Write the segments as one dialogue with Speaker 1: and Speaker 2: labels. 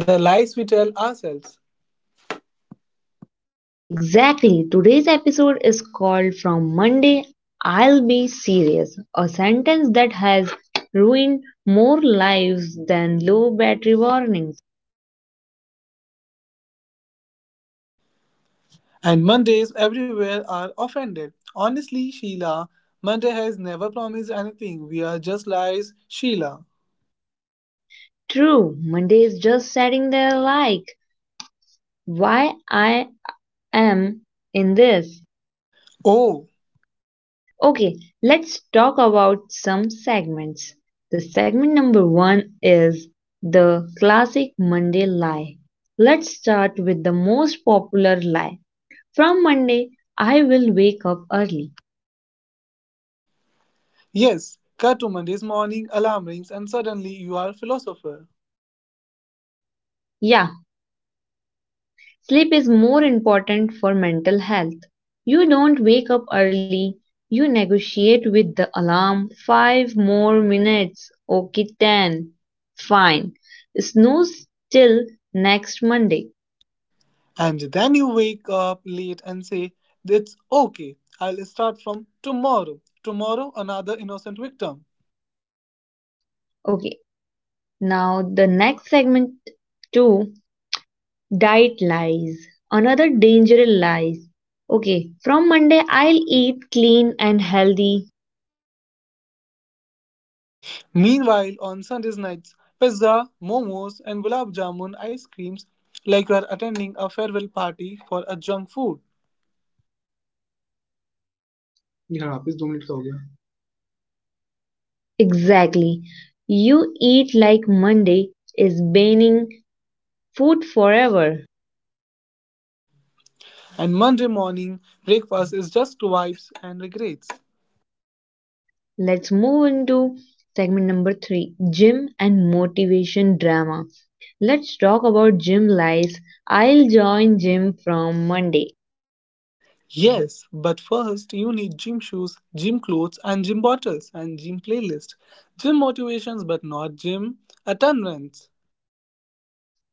Speaker 1: The lies we tell ourselves.
Speaker 2: Exactly. Today's episode is called "From Monday I'll Be Serious," a sentence that has ruined more lives than low battery warnings.
Speaker 1: And Mondays everywhere are offended. Honestly, Sheila, Monday has never promised anything. We are just lies, Sheila.
Speaker 2: True, Monday is just sitting there like, why I am in this.
Speaker 1: Oh,
Speaker 2: Okay, let's talk about some segments. The segment number one is the classic Monday lie. Let's start with the most popular lie: from Monday, I will wake up early.
Speaker 1: yes. Cut to Monday's morning, alarm rings, and suddenly you are a philosopher.
Speaker 2: Yeah, sleep is more important for mental health. You don't wake up early, you negotiate with the alarm. Five more minutes. Okay, ten. Fine. Snooze till next Monday.
Speaker 1: And then you wake up late and say, "It's okay. I'll start from tomorrow." Tomorrow, another innocent victim.
Speaker 2: Okay, now the next segment two, diet lies. Another dangerous lies. Okay, from Monday I'll eat clean and healthy.
Speaker 1: Meanwhile, on Sunday nights, pizza, momos, and gulab jamun ice creams like you are attending a farewell party for a junk food.
Speaker 2: Exactly. You eat like Monday is banning food forever.
Speaker 1: And Monday morning, breakfast is just vibes and regrets.
Speaker 2: Let's move into segment number three, gym and motivation drama. Let's talk about gym lies. I'll join gym from Monday.
Speaker 1: Yes, but first you need gym shoes, gym clothes, and gym bottles and gym playlist. Gym motivations, but not gym attendance.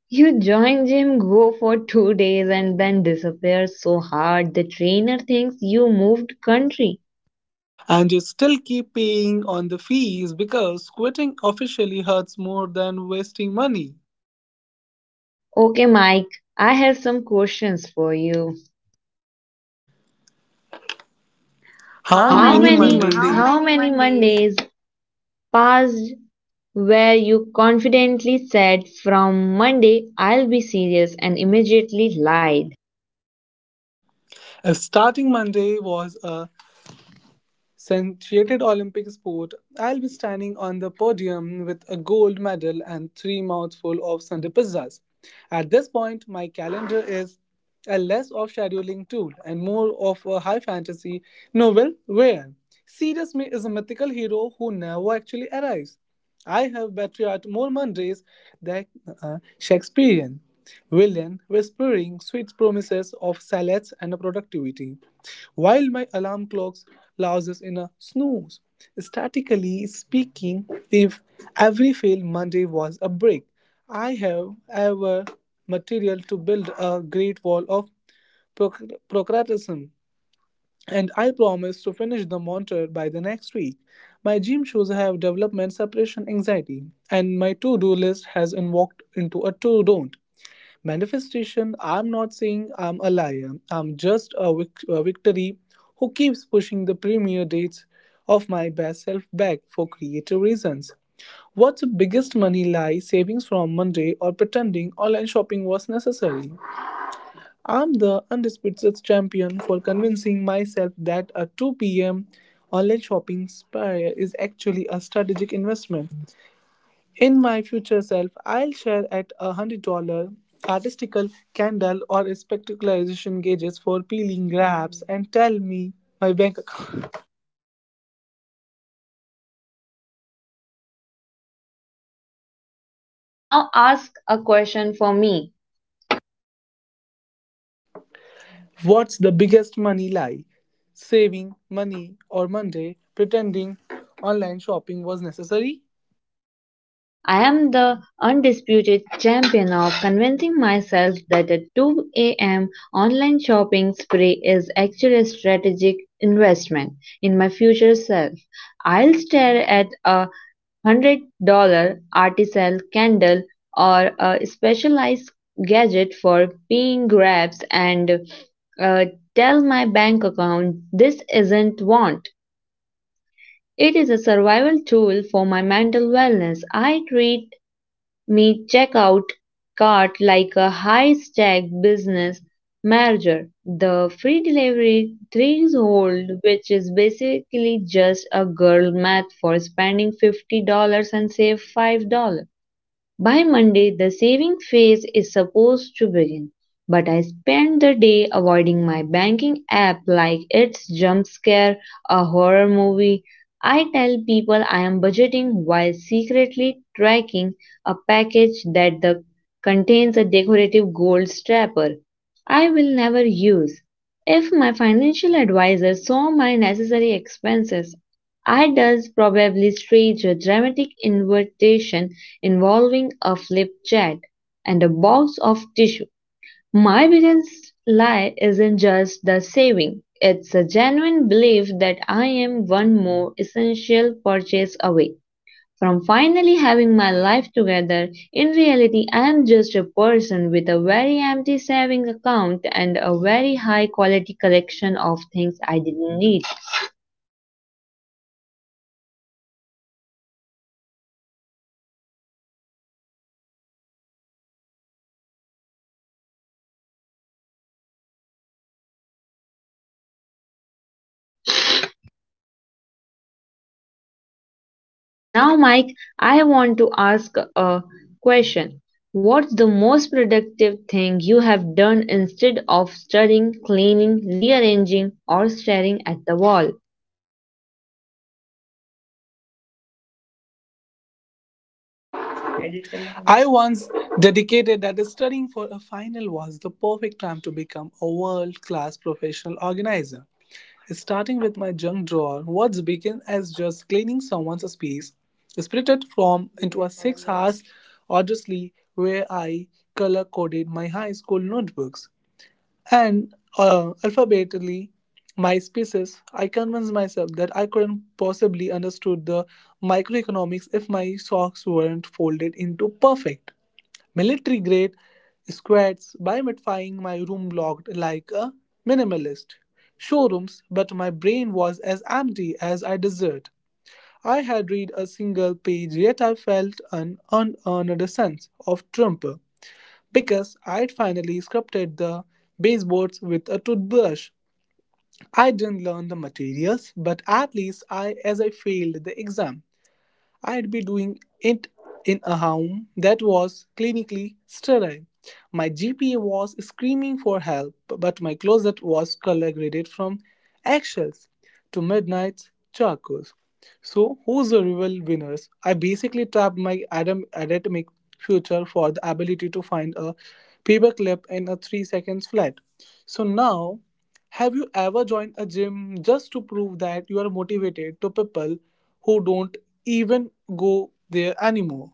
Speaker 2: You join gym, go for 2 days, and then disappear so hard the trainer thinks you moved country.
Speaker 1: And you still keep paying on the fees because quitting officially hurts more than wasting money.
Speaker 2: Okay, Mike, I have some questions for you.
Speaker 1: How How
Speaker 2: How
Speaker 1: many many
Speaker 2: many
Speaker 1: Mondays? how
Speaker 2: how
Speaker 1: many
Speaker 2: many
Speaker 1: Mondays?
Speaker 2: Mondays passed where you confidently said from Monday I'll be serious and immediately lied?
Speaker 1: If starting Monday was a centered Olympic sport, I'll be standing on the podium with a gold medal and three mouthfuls of Sunday pizzas. At this point, my calendar is a less of scheduling tool and more of a high fantasy novel where Sirius Me is a mythical hero who never actually arrives. I have patriot more Mondays than a Shakespearean villain whispering sweet promises of salads and productivity. While my alarm clocks lose us in a snooze. Statically speaking, if every failed Monday was a brick, I have ever material to build a great wall of proc- procrastination, and I promise to finish the monitor by the next week. My gym shoes have development separation anxiety, and my to-do list has invoked into a to-don't. Manifestation, I'm not saying I'm a liar. I'm just a victory who keeps pushing the premiere dates of my best self back for creative reasons. What's the biggest money lie? Savings from Monday or pretending online shopping was necessary. I'm the undisputed champion for convincing myself that a 2 pm online shopping spree is actually a strategic investment. In my future self, I'll share at $100 artistical candle or a spectacularization gauges for peeling grabs and tell me my bank account.
Speaker 2: Now ask a question for me.
Speaker 1: What's the biggest money lie? Saving money or Monday, pretending online shopping was necessary?
Speaker 2: I am the undisputed champion of convincing myself that a 2 a.m. online shopping spree is actually a strategic investment in my future self. I'll stare at a $100 artisan candle or a specialized gadget for peeing grabs and uh, tell my bank account this isn't want. It is a survival tool for my mental wellness. I treat me checkout cart like a high stack business merger. The free delivery threshold, which is basically just a girl math for spending $50 and save $5. By Monday, the saving phase is supposed to begin, but I spend the day avoiding my banking app like it's jump scare a horror movie. I tell people I am budgeting while secretly tracking a package that contains a decorative gold strapper I will never use. If my financial advisor saw my necessary expenses, I does probably stage a dramatic invitation involving a flipchart and a box of tissue. My biggest lie isn't just the saving, it's a genuine belief that I am one more essential purchase away from finally having my life together. In reality, I am just a person with a very empty saving account and a very high quality collection of things I didn't need. Now, Mike, I want to ask a question. What's the most productive thing you have done instead of studying, cleaning, rearranging, or staring at the wall?
Speaker 1: I once dedicated that studying for a final was the perfect time to become a world class professional organizer. Starting with my junk drawer, what began as just cleaning someone's space spirited from into a 6 hours odyssey where I color coded my high school notebooks. And alphabetically, my spaces, I convinced myself that I couldn't possibly understood the microeconomics if my socks weren't folded into perfect military-grade squats bimatifying my room looked like a minimalist showrooms, but my brain was as empty as I desired. I had read a single page yet I felt an unearned sense of triumph because I'd finally sculpted the baseboards with a toothbrush. I didn't learn the materials, but at least I as I failed the exam. I'd be doing it in a home that was clinically sterile. My GPA was screaming for help, but my closet was color graded from eggshells to midnight charcoals. So, who's the real winners? I basically trapped my academic future for the ability to find a paperclip in a 3 seconds flat. So now, have you ever joined a gym just to prove that you are motivated to people who don't even go there anymore.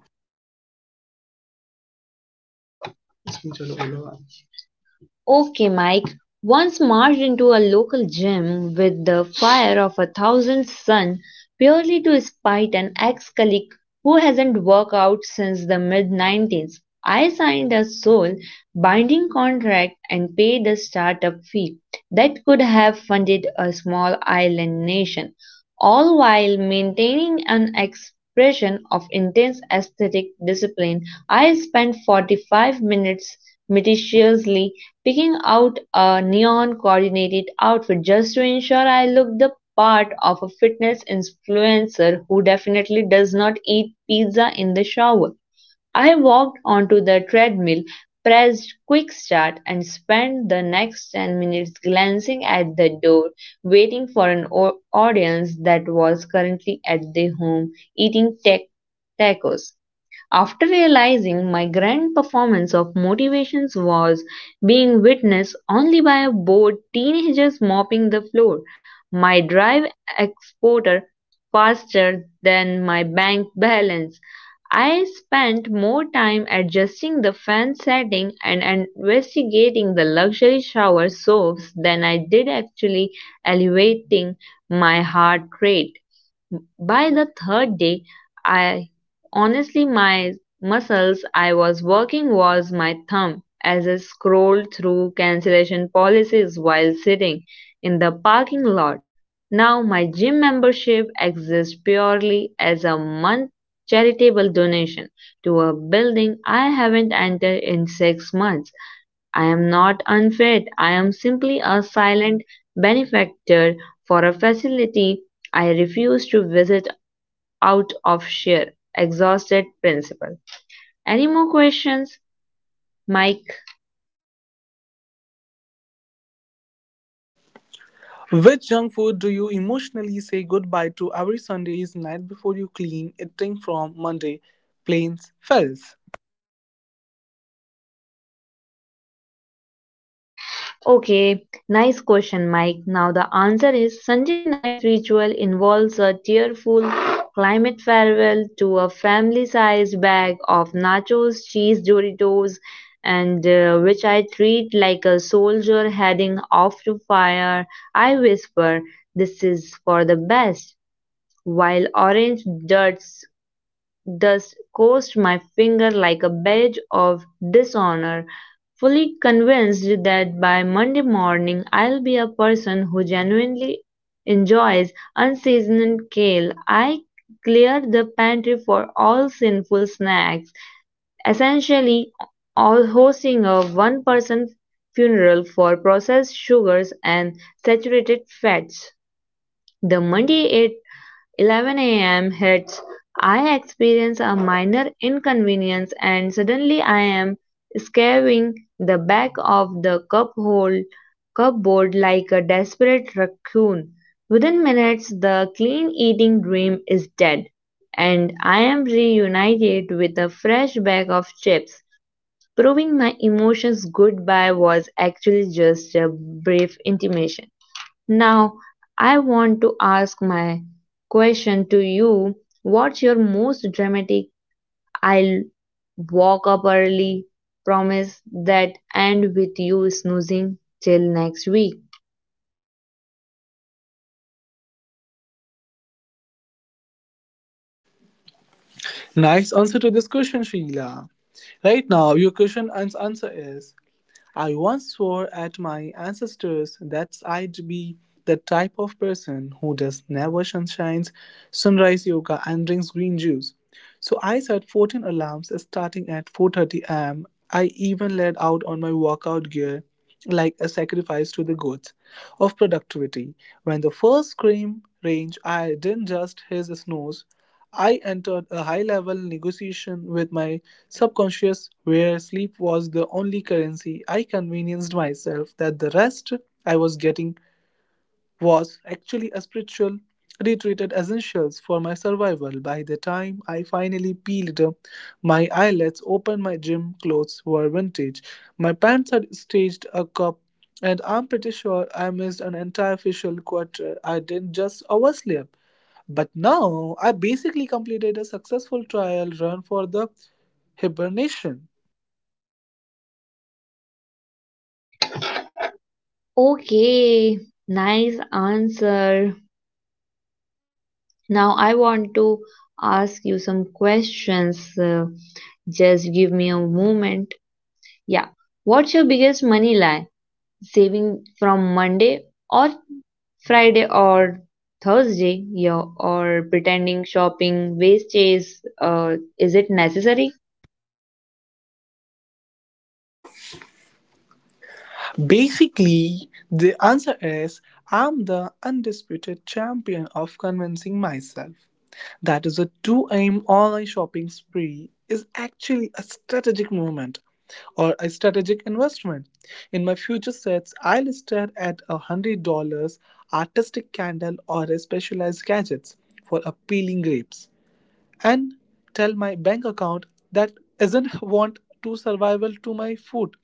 Speaker 2: Okay, Mike once marched into a local gym with the fire of a thousand suns purely to spite an ex colleague who hasn't worked out since the mid 90s. I signed a soul binding contract and paid a startup fee that could have funded a small island nation, all while maintaining an expression of intense aesthetic discipline. I spent 45 minutes meticulously picking out a neon coordinated outfit just to ensure I look the part of a fitness influencer who definitely does not eat pizza in the shower. I walked onto the treadmill, pressed quick start, and spent the next 10 minutes glancing at the door, waiting for an audience that was currently at their home eating tech tacos. After realizing my grand performance of motivations was being witnessed only by a bored teenagers mopping the floor, my drive exported faster than my bank balance. I spent more time adjusting the fan setting and investigating the luxury shower soaps than I did actually elevating my heart rate. By the third day, I Honestly my muscles I was working was my thumb as I scrolled through cancellation policies while sitting in the parking lot. Now my gym membership exists purely as a month charitable donation to a building I haven't entered in 6 months. I am not unfit. I am simply a silent benefactor for a facility I refuse to visit out of sheer exhausted principle. Any more questions, Mike?
Speaker 1: Which junk food do you emotionally say goodbye to every Sunday's night before you clean eating from Monday? Plains Fells.
Speaker 2: Okay, nice question, Mike. Now the answer is Sunday night ritual involves a tearful climate farewell to a family-sized bag of nachos, cheese Doritos, and which I treat like a soldier heading off to fire. I whisper, "This is for the best." While orange dirt dust coursed my finger like a badge of dishonor, fully convinced that by Monday morning I'll be a person who genuinely enjoys unseasoned kale. I cleared the pantry for all sinful snacks, essentially all hosting a one person funeral for processed sugars and saturated fats. The Monday 11 a.m. hits, I experience a minor inconvenience and suddenly I am scaring the back of the cupboard like a desperate raccoon. Within minutes, the clean eating dream is dead, and I am reunited with a fresh bag of chips, proving my emotions goodbye was actually just a brief intimation. Now, I want to ask my question to you. What's your most dramatic "I'll walk up early" promise that end with you snoozing till next week?
Speaker 1: Nice answer to this question, Sheila. Right now, your question and answer is I once swore at my ancestors that I'd be the type of person who does never sunshines, sunrise yoga and drinks green juice. So I set 14 alarms starting at 4:30 am. I even laid out on my workout gear like a sacrifice to the gods of productivity. When the first scream range I didn't just his snores, I entered a high level negotiation with my subconscious where sleep was the only currency. I convinced myself that the rest I was getting was actually a spiritual retreated essentials for my survival. By the time I finally peeled my eyelids open, my gym clothes were vintage. My pants had staged a cup, and I'm pretty sure I missed an entire facial quarter. I didn't just oversleep. But now I basically completed a successful trial run for the hibernation.
Speaker 2: Okay, nice answer. Now I want to ask you some questions. Just give me a moment. Yeah. What's your biggest money lie? Saving from Monday or Friday or Thursday, yeah, or pretending shopping waste wastage is it necessary?
Speaker 1: Basically, the answer is I'm the undisputed champion of convincing myself that is a 2 am online shopping spree is actually a strategic movement or a strategic investment. In my future sets, I'll stare at a $100 artistic candle or a specialized gadgets for appealing grapes and tell my bank account that isn't want to survival to my food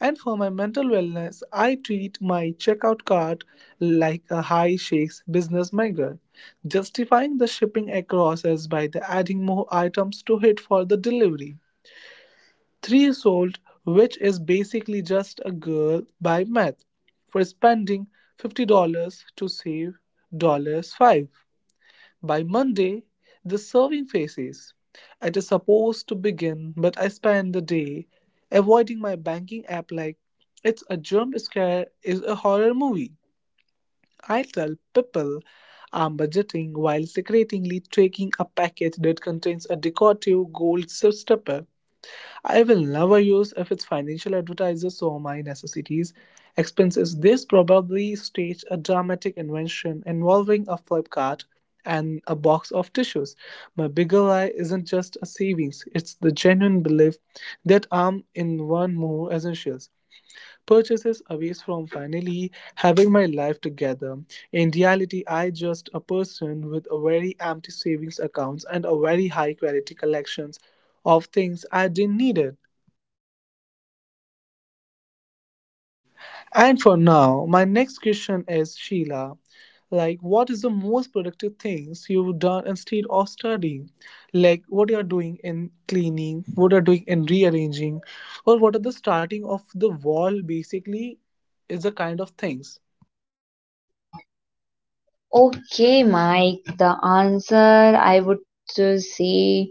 Speaker 1: and for my mental wellness, I treat my checkout cart like a high shakes business mega, justifying the shipping across as by the adding more items to hit for the delivery. Three sold, which is basically just a girl by math, for spending $50 to save 5 by Monday, the serving faces. It is supposed to begin, but I spend the day avoiding my banking app like it's a jump scare is a horror movie. I tell people I'm budgeting while secretly taking a package that contains a decorative gold stopper. I will never use if it's financial advertisers saw my necessities. Expenses. This probably staged a dramatic invention involving a flip card and a box of tissues. My bigger lie isn't just a savings, it's the genuine belief that I'm in one more essentials. Purchases away from finally having my life together. In reality, I just a person with a very empty savings accounts and a very high quality collections of things I didn't need it. And for now, my next question is Sheila. Like, what is the most productive things you've done instead of studying? Like, what you are doing in cleaning, what you are doing in rearranging, or what are the starting of the wall? Basically, is the kind of things.
Speaker 2: Okay, Mike, the answer I would to say,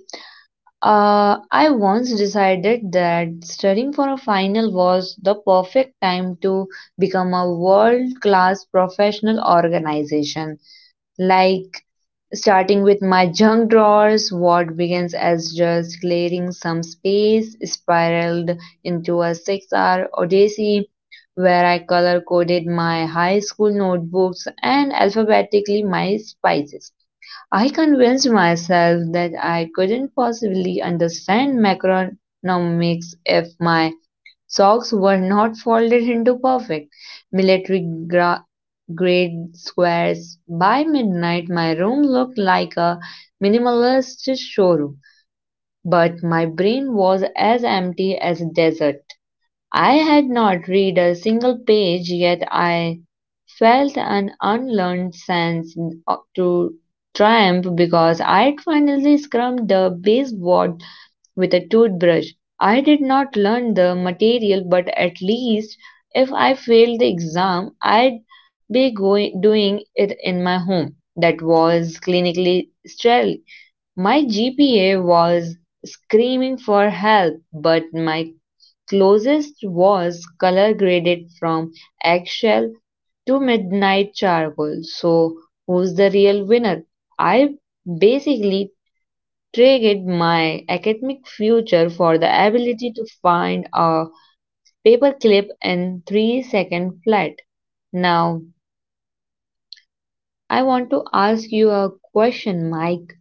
Speaker 2: I once decided that studying for a final was the perfect time to become a world class professional organization. Like starting with my junk drawers, what begins as just clearing some space spiraled into a 6 hour odyssey where I color coded my high school notebooks and alphabetically my spices. I convinced myself that I couldn't possibly understand macronomics if my socks were not folded into perfect, military gra- grade squares. By midnight, my room looked like a minimalist showroom, but my brain was as empty as a desert. I had not read a single page, yet I felt an unlearned sense of- to triumph because I had finally scrubbed the baseboard with a toothbrush. I did not learn the material, but at least if I failed the exam, I'd be doing it in my home. That was clinically sterile. My GPA was screaming for help, but my closest was color graded from eggshell to midnight charcoal. So, who's the real winner? I basically traded my academic future for the ability to find a paperclip in 3 second flat. Now, I want to ask you a question, Mike.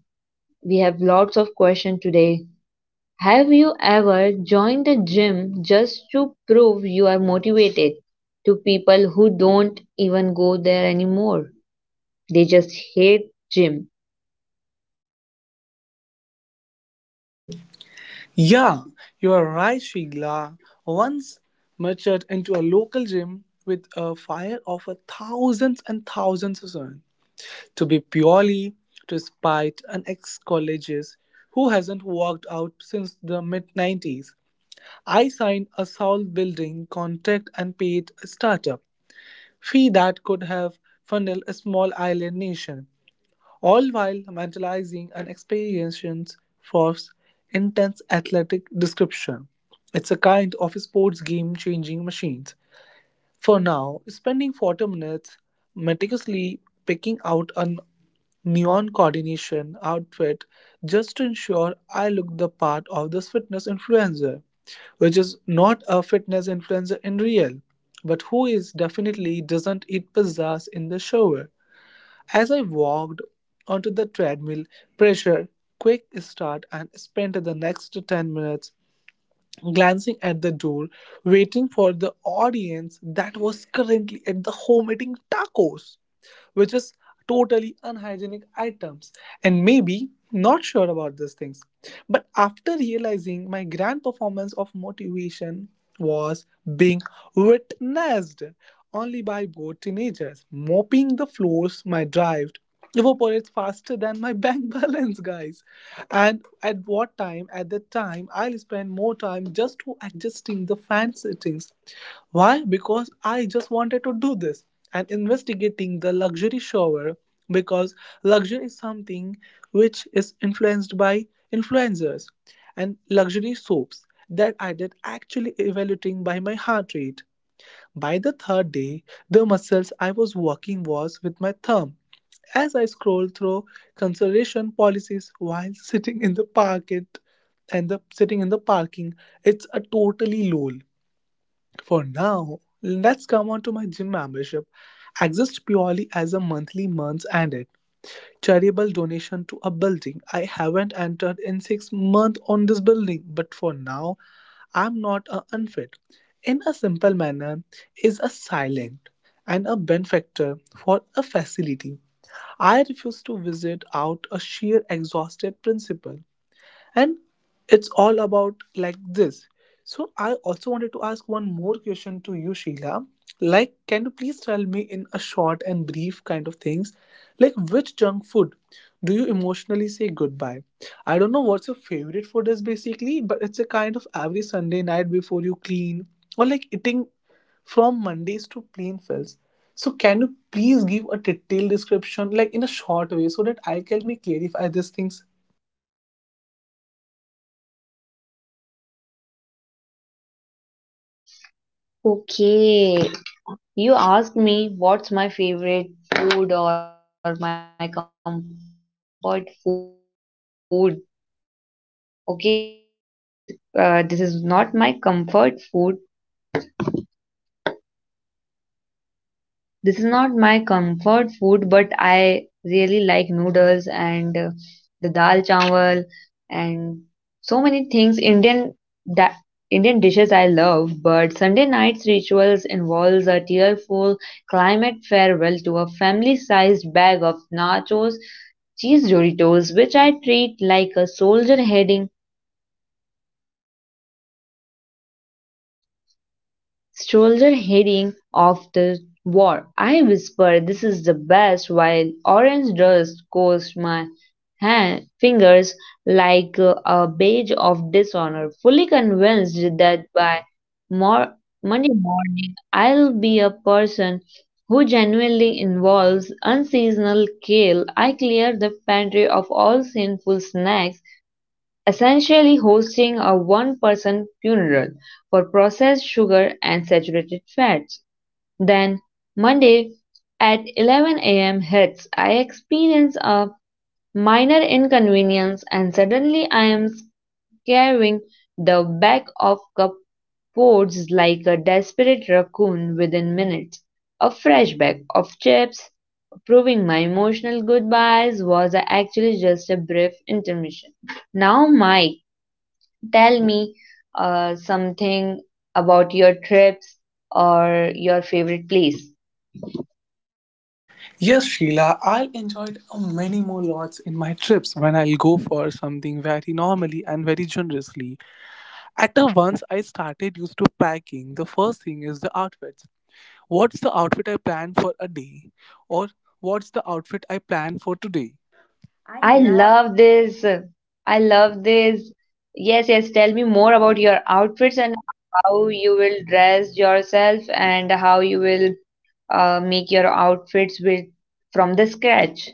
Speaker 2: We have lots of questions today. Have you ever joined a gym just to prove you are motivated to people who don't even go there anymore? They just hate gym.
Speaker 1: Yeah, you are right, Sheila. Once matured into a local gym with a fire of a thousands and thousands of sun. To be purely to spite an ex colleges who hasn't worked out since the mid 90s. I signed a soul building contract and paid a startup fee that could have funneled a small island nation, all while mentalizing an experience for intense athletic description. It's a kind of sports game changing machines. For now, spending 40 minutes meticulously picking out an neon coordination outfit just to ensure I look the part of this fitness influencer, which is not a fitness influencer in real, but who is definitely doesn't eat pizzas in the shower. As I walked onto the treadmill, pressure, quick start, and spent the next 10 minutes glancing at the door, waiting for the audience that was currently at the home eating tacos which is totally unhygienic items and maybe not sure about these things but after realizing my grand performance of motivation was being witnessed only by both teenagers mopping the floors, my drive evaporates faster than my bank balance guys. And at what time at the time I'll spend more time just to adjusting the fan settings. Why? Because I just wanted to do this and investigating the luxury shower because luxury is something which is influenced by influencers and luxury soaps that I did actually evaluating by my heart rate. By the third day, the muscles I was working was with my thumb as I scrolled through consideration policies while sitting in the parket and the sitting in the parking. It's a totally lol. For now, let's come on to my gym membership. Exists purely as a monthly months ended charitable donation to a building I haven't entered in 6 months on this building, but for now, I'm not a unfit. In a simple manner, is a silent and a benefactor for a facility. I refuse to visit out a sheer exhausted principle, and it's all about like this. So I also wanted to ask one more question to you, Sheila, like can you please tell me in a short and brief kind of things like which junk food do you emotionally say goodbye. I don't know what's your favorite food is basically, but it's a kind of every Sunday night before you clean or like eating from Mondays to plain fills. So can you please give a detailed description like in a short way so that I can me clarify these things.
Speaker 2: Okay, you asked me what's my favorite food or my comfort food. Okay, so I like noodles basically. This is not my comfort food. But I really like noodles and the dal chawal and so many things. Da- Indian dishes I love, but Sunday night's rituals involves a tearful climate farewell to a family-sized bag of nachos, cheese Doritos, which I treat like a soldier heading off the war. I whisper, "This is the best," while orange dust coats my fingers like a badge of dishonor. Fully convinced that by mor- Monday morning I'll be a person who genuinely involves unseasonal kale. I clear the pantry of all sinful snacks, essentially hosting a one person funeral for processed sugar and saturated fats. Then, Monday at 11 a.m. hits. I experience a minor inconvenience and suddenly I am carrying the back of cupboards like a desperate raccoon within minutes. A fresh bag of chips, proving my emotional goodbyes was actually just a brief intermission. Now, Mike, tell me something about your trips or your favorite place.
Speaker 1: Yes, Sheila, I'll enjoy it many more lots in my trips when I'll go for something very normally and very generously. At the once I started used to packing, the first thing is the outfits. What's the outfit I plan for a day? Or what's the outfit I plan for today?
Speaker 2: I love this. I love this. Yes, yes. Tell me more about your outfits and how you will dress yourself and how you will make your outfits with from the scratch.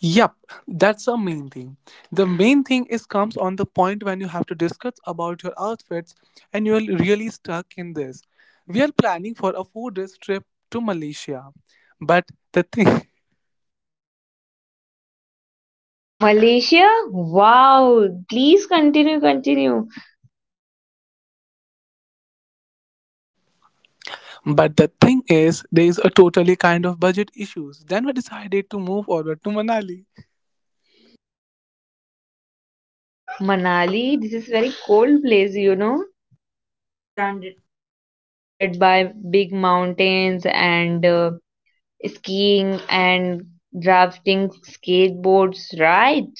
Speaker 1: Yep, that's the main thing. The main thing is comes on the point when you have to discuss about your outfits and you're really stuck in this. We are planning for a 4 days trip to Malaysia. But the thing
Speaker 2: Malaysia? Wow. Please continue, continue.
Speaker 1: but the thing is there is a totally kind of budget issues. Then we decided to move forward to Manali.
Speaker 2: Manali, this is very cold place, you know,
Speaker 1: Surrounded.
Speaker 2: surrounded by big mountains and skiing and drafting skateboards, right?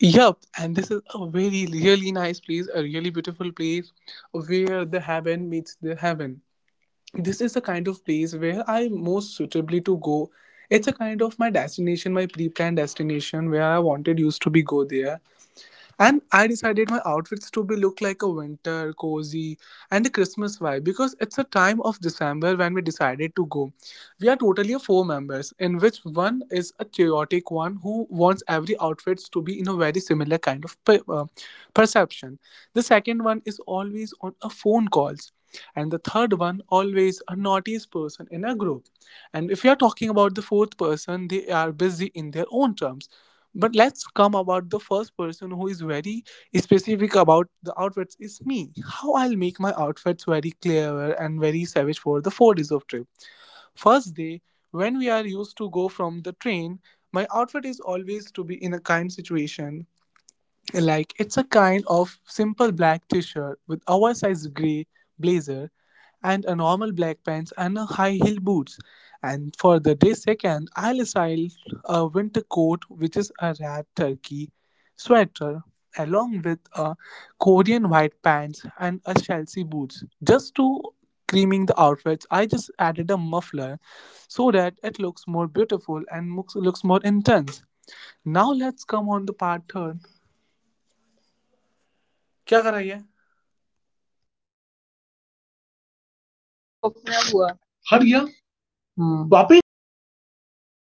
Speaker 1: Yep, and this is a very really nice place, a really beautiful place where the heaven meets the heaven. This is the kind of place where I most suitably to go. It's a kind of my destination, my pre-planned destination where I wanted used to be go there, and I decided my outfits to be look like a winter, cozy, and a Christmas vibe because it's a time of December when we decided to go. We are totally a four members, in which one is a chaotic one who wants every outfits to be in a very similar kind of perception. The second one is always on a phone calls, and the third one always a naughtiest person in a group. And if you are talking about the fourth person, they are busy in their own terms, but let's come about the first person who is very specific about the outfits is me. How I'll make my outfits very clever and very savage for the 4 days of trip. First day, when we are used to go from the train, my outfit is always to be in a kind situation like it's a kind of simple black t-shirt with oversized gray blazer and a normal black pants and a high heel boots. And for the day second, I'll style a winter coat which is a red turkey sweater along with a Korean white pants and a Chelsea boots. Just to creaming the outfits, I just added a muffler so that it looks more beautiful and looks more intense. Now let's come on the part third क्या कराई है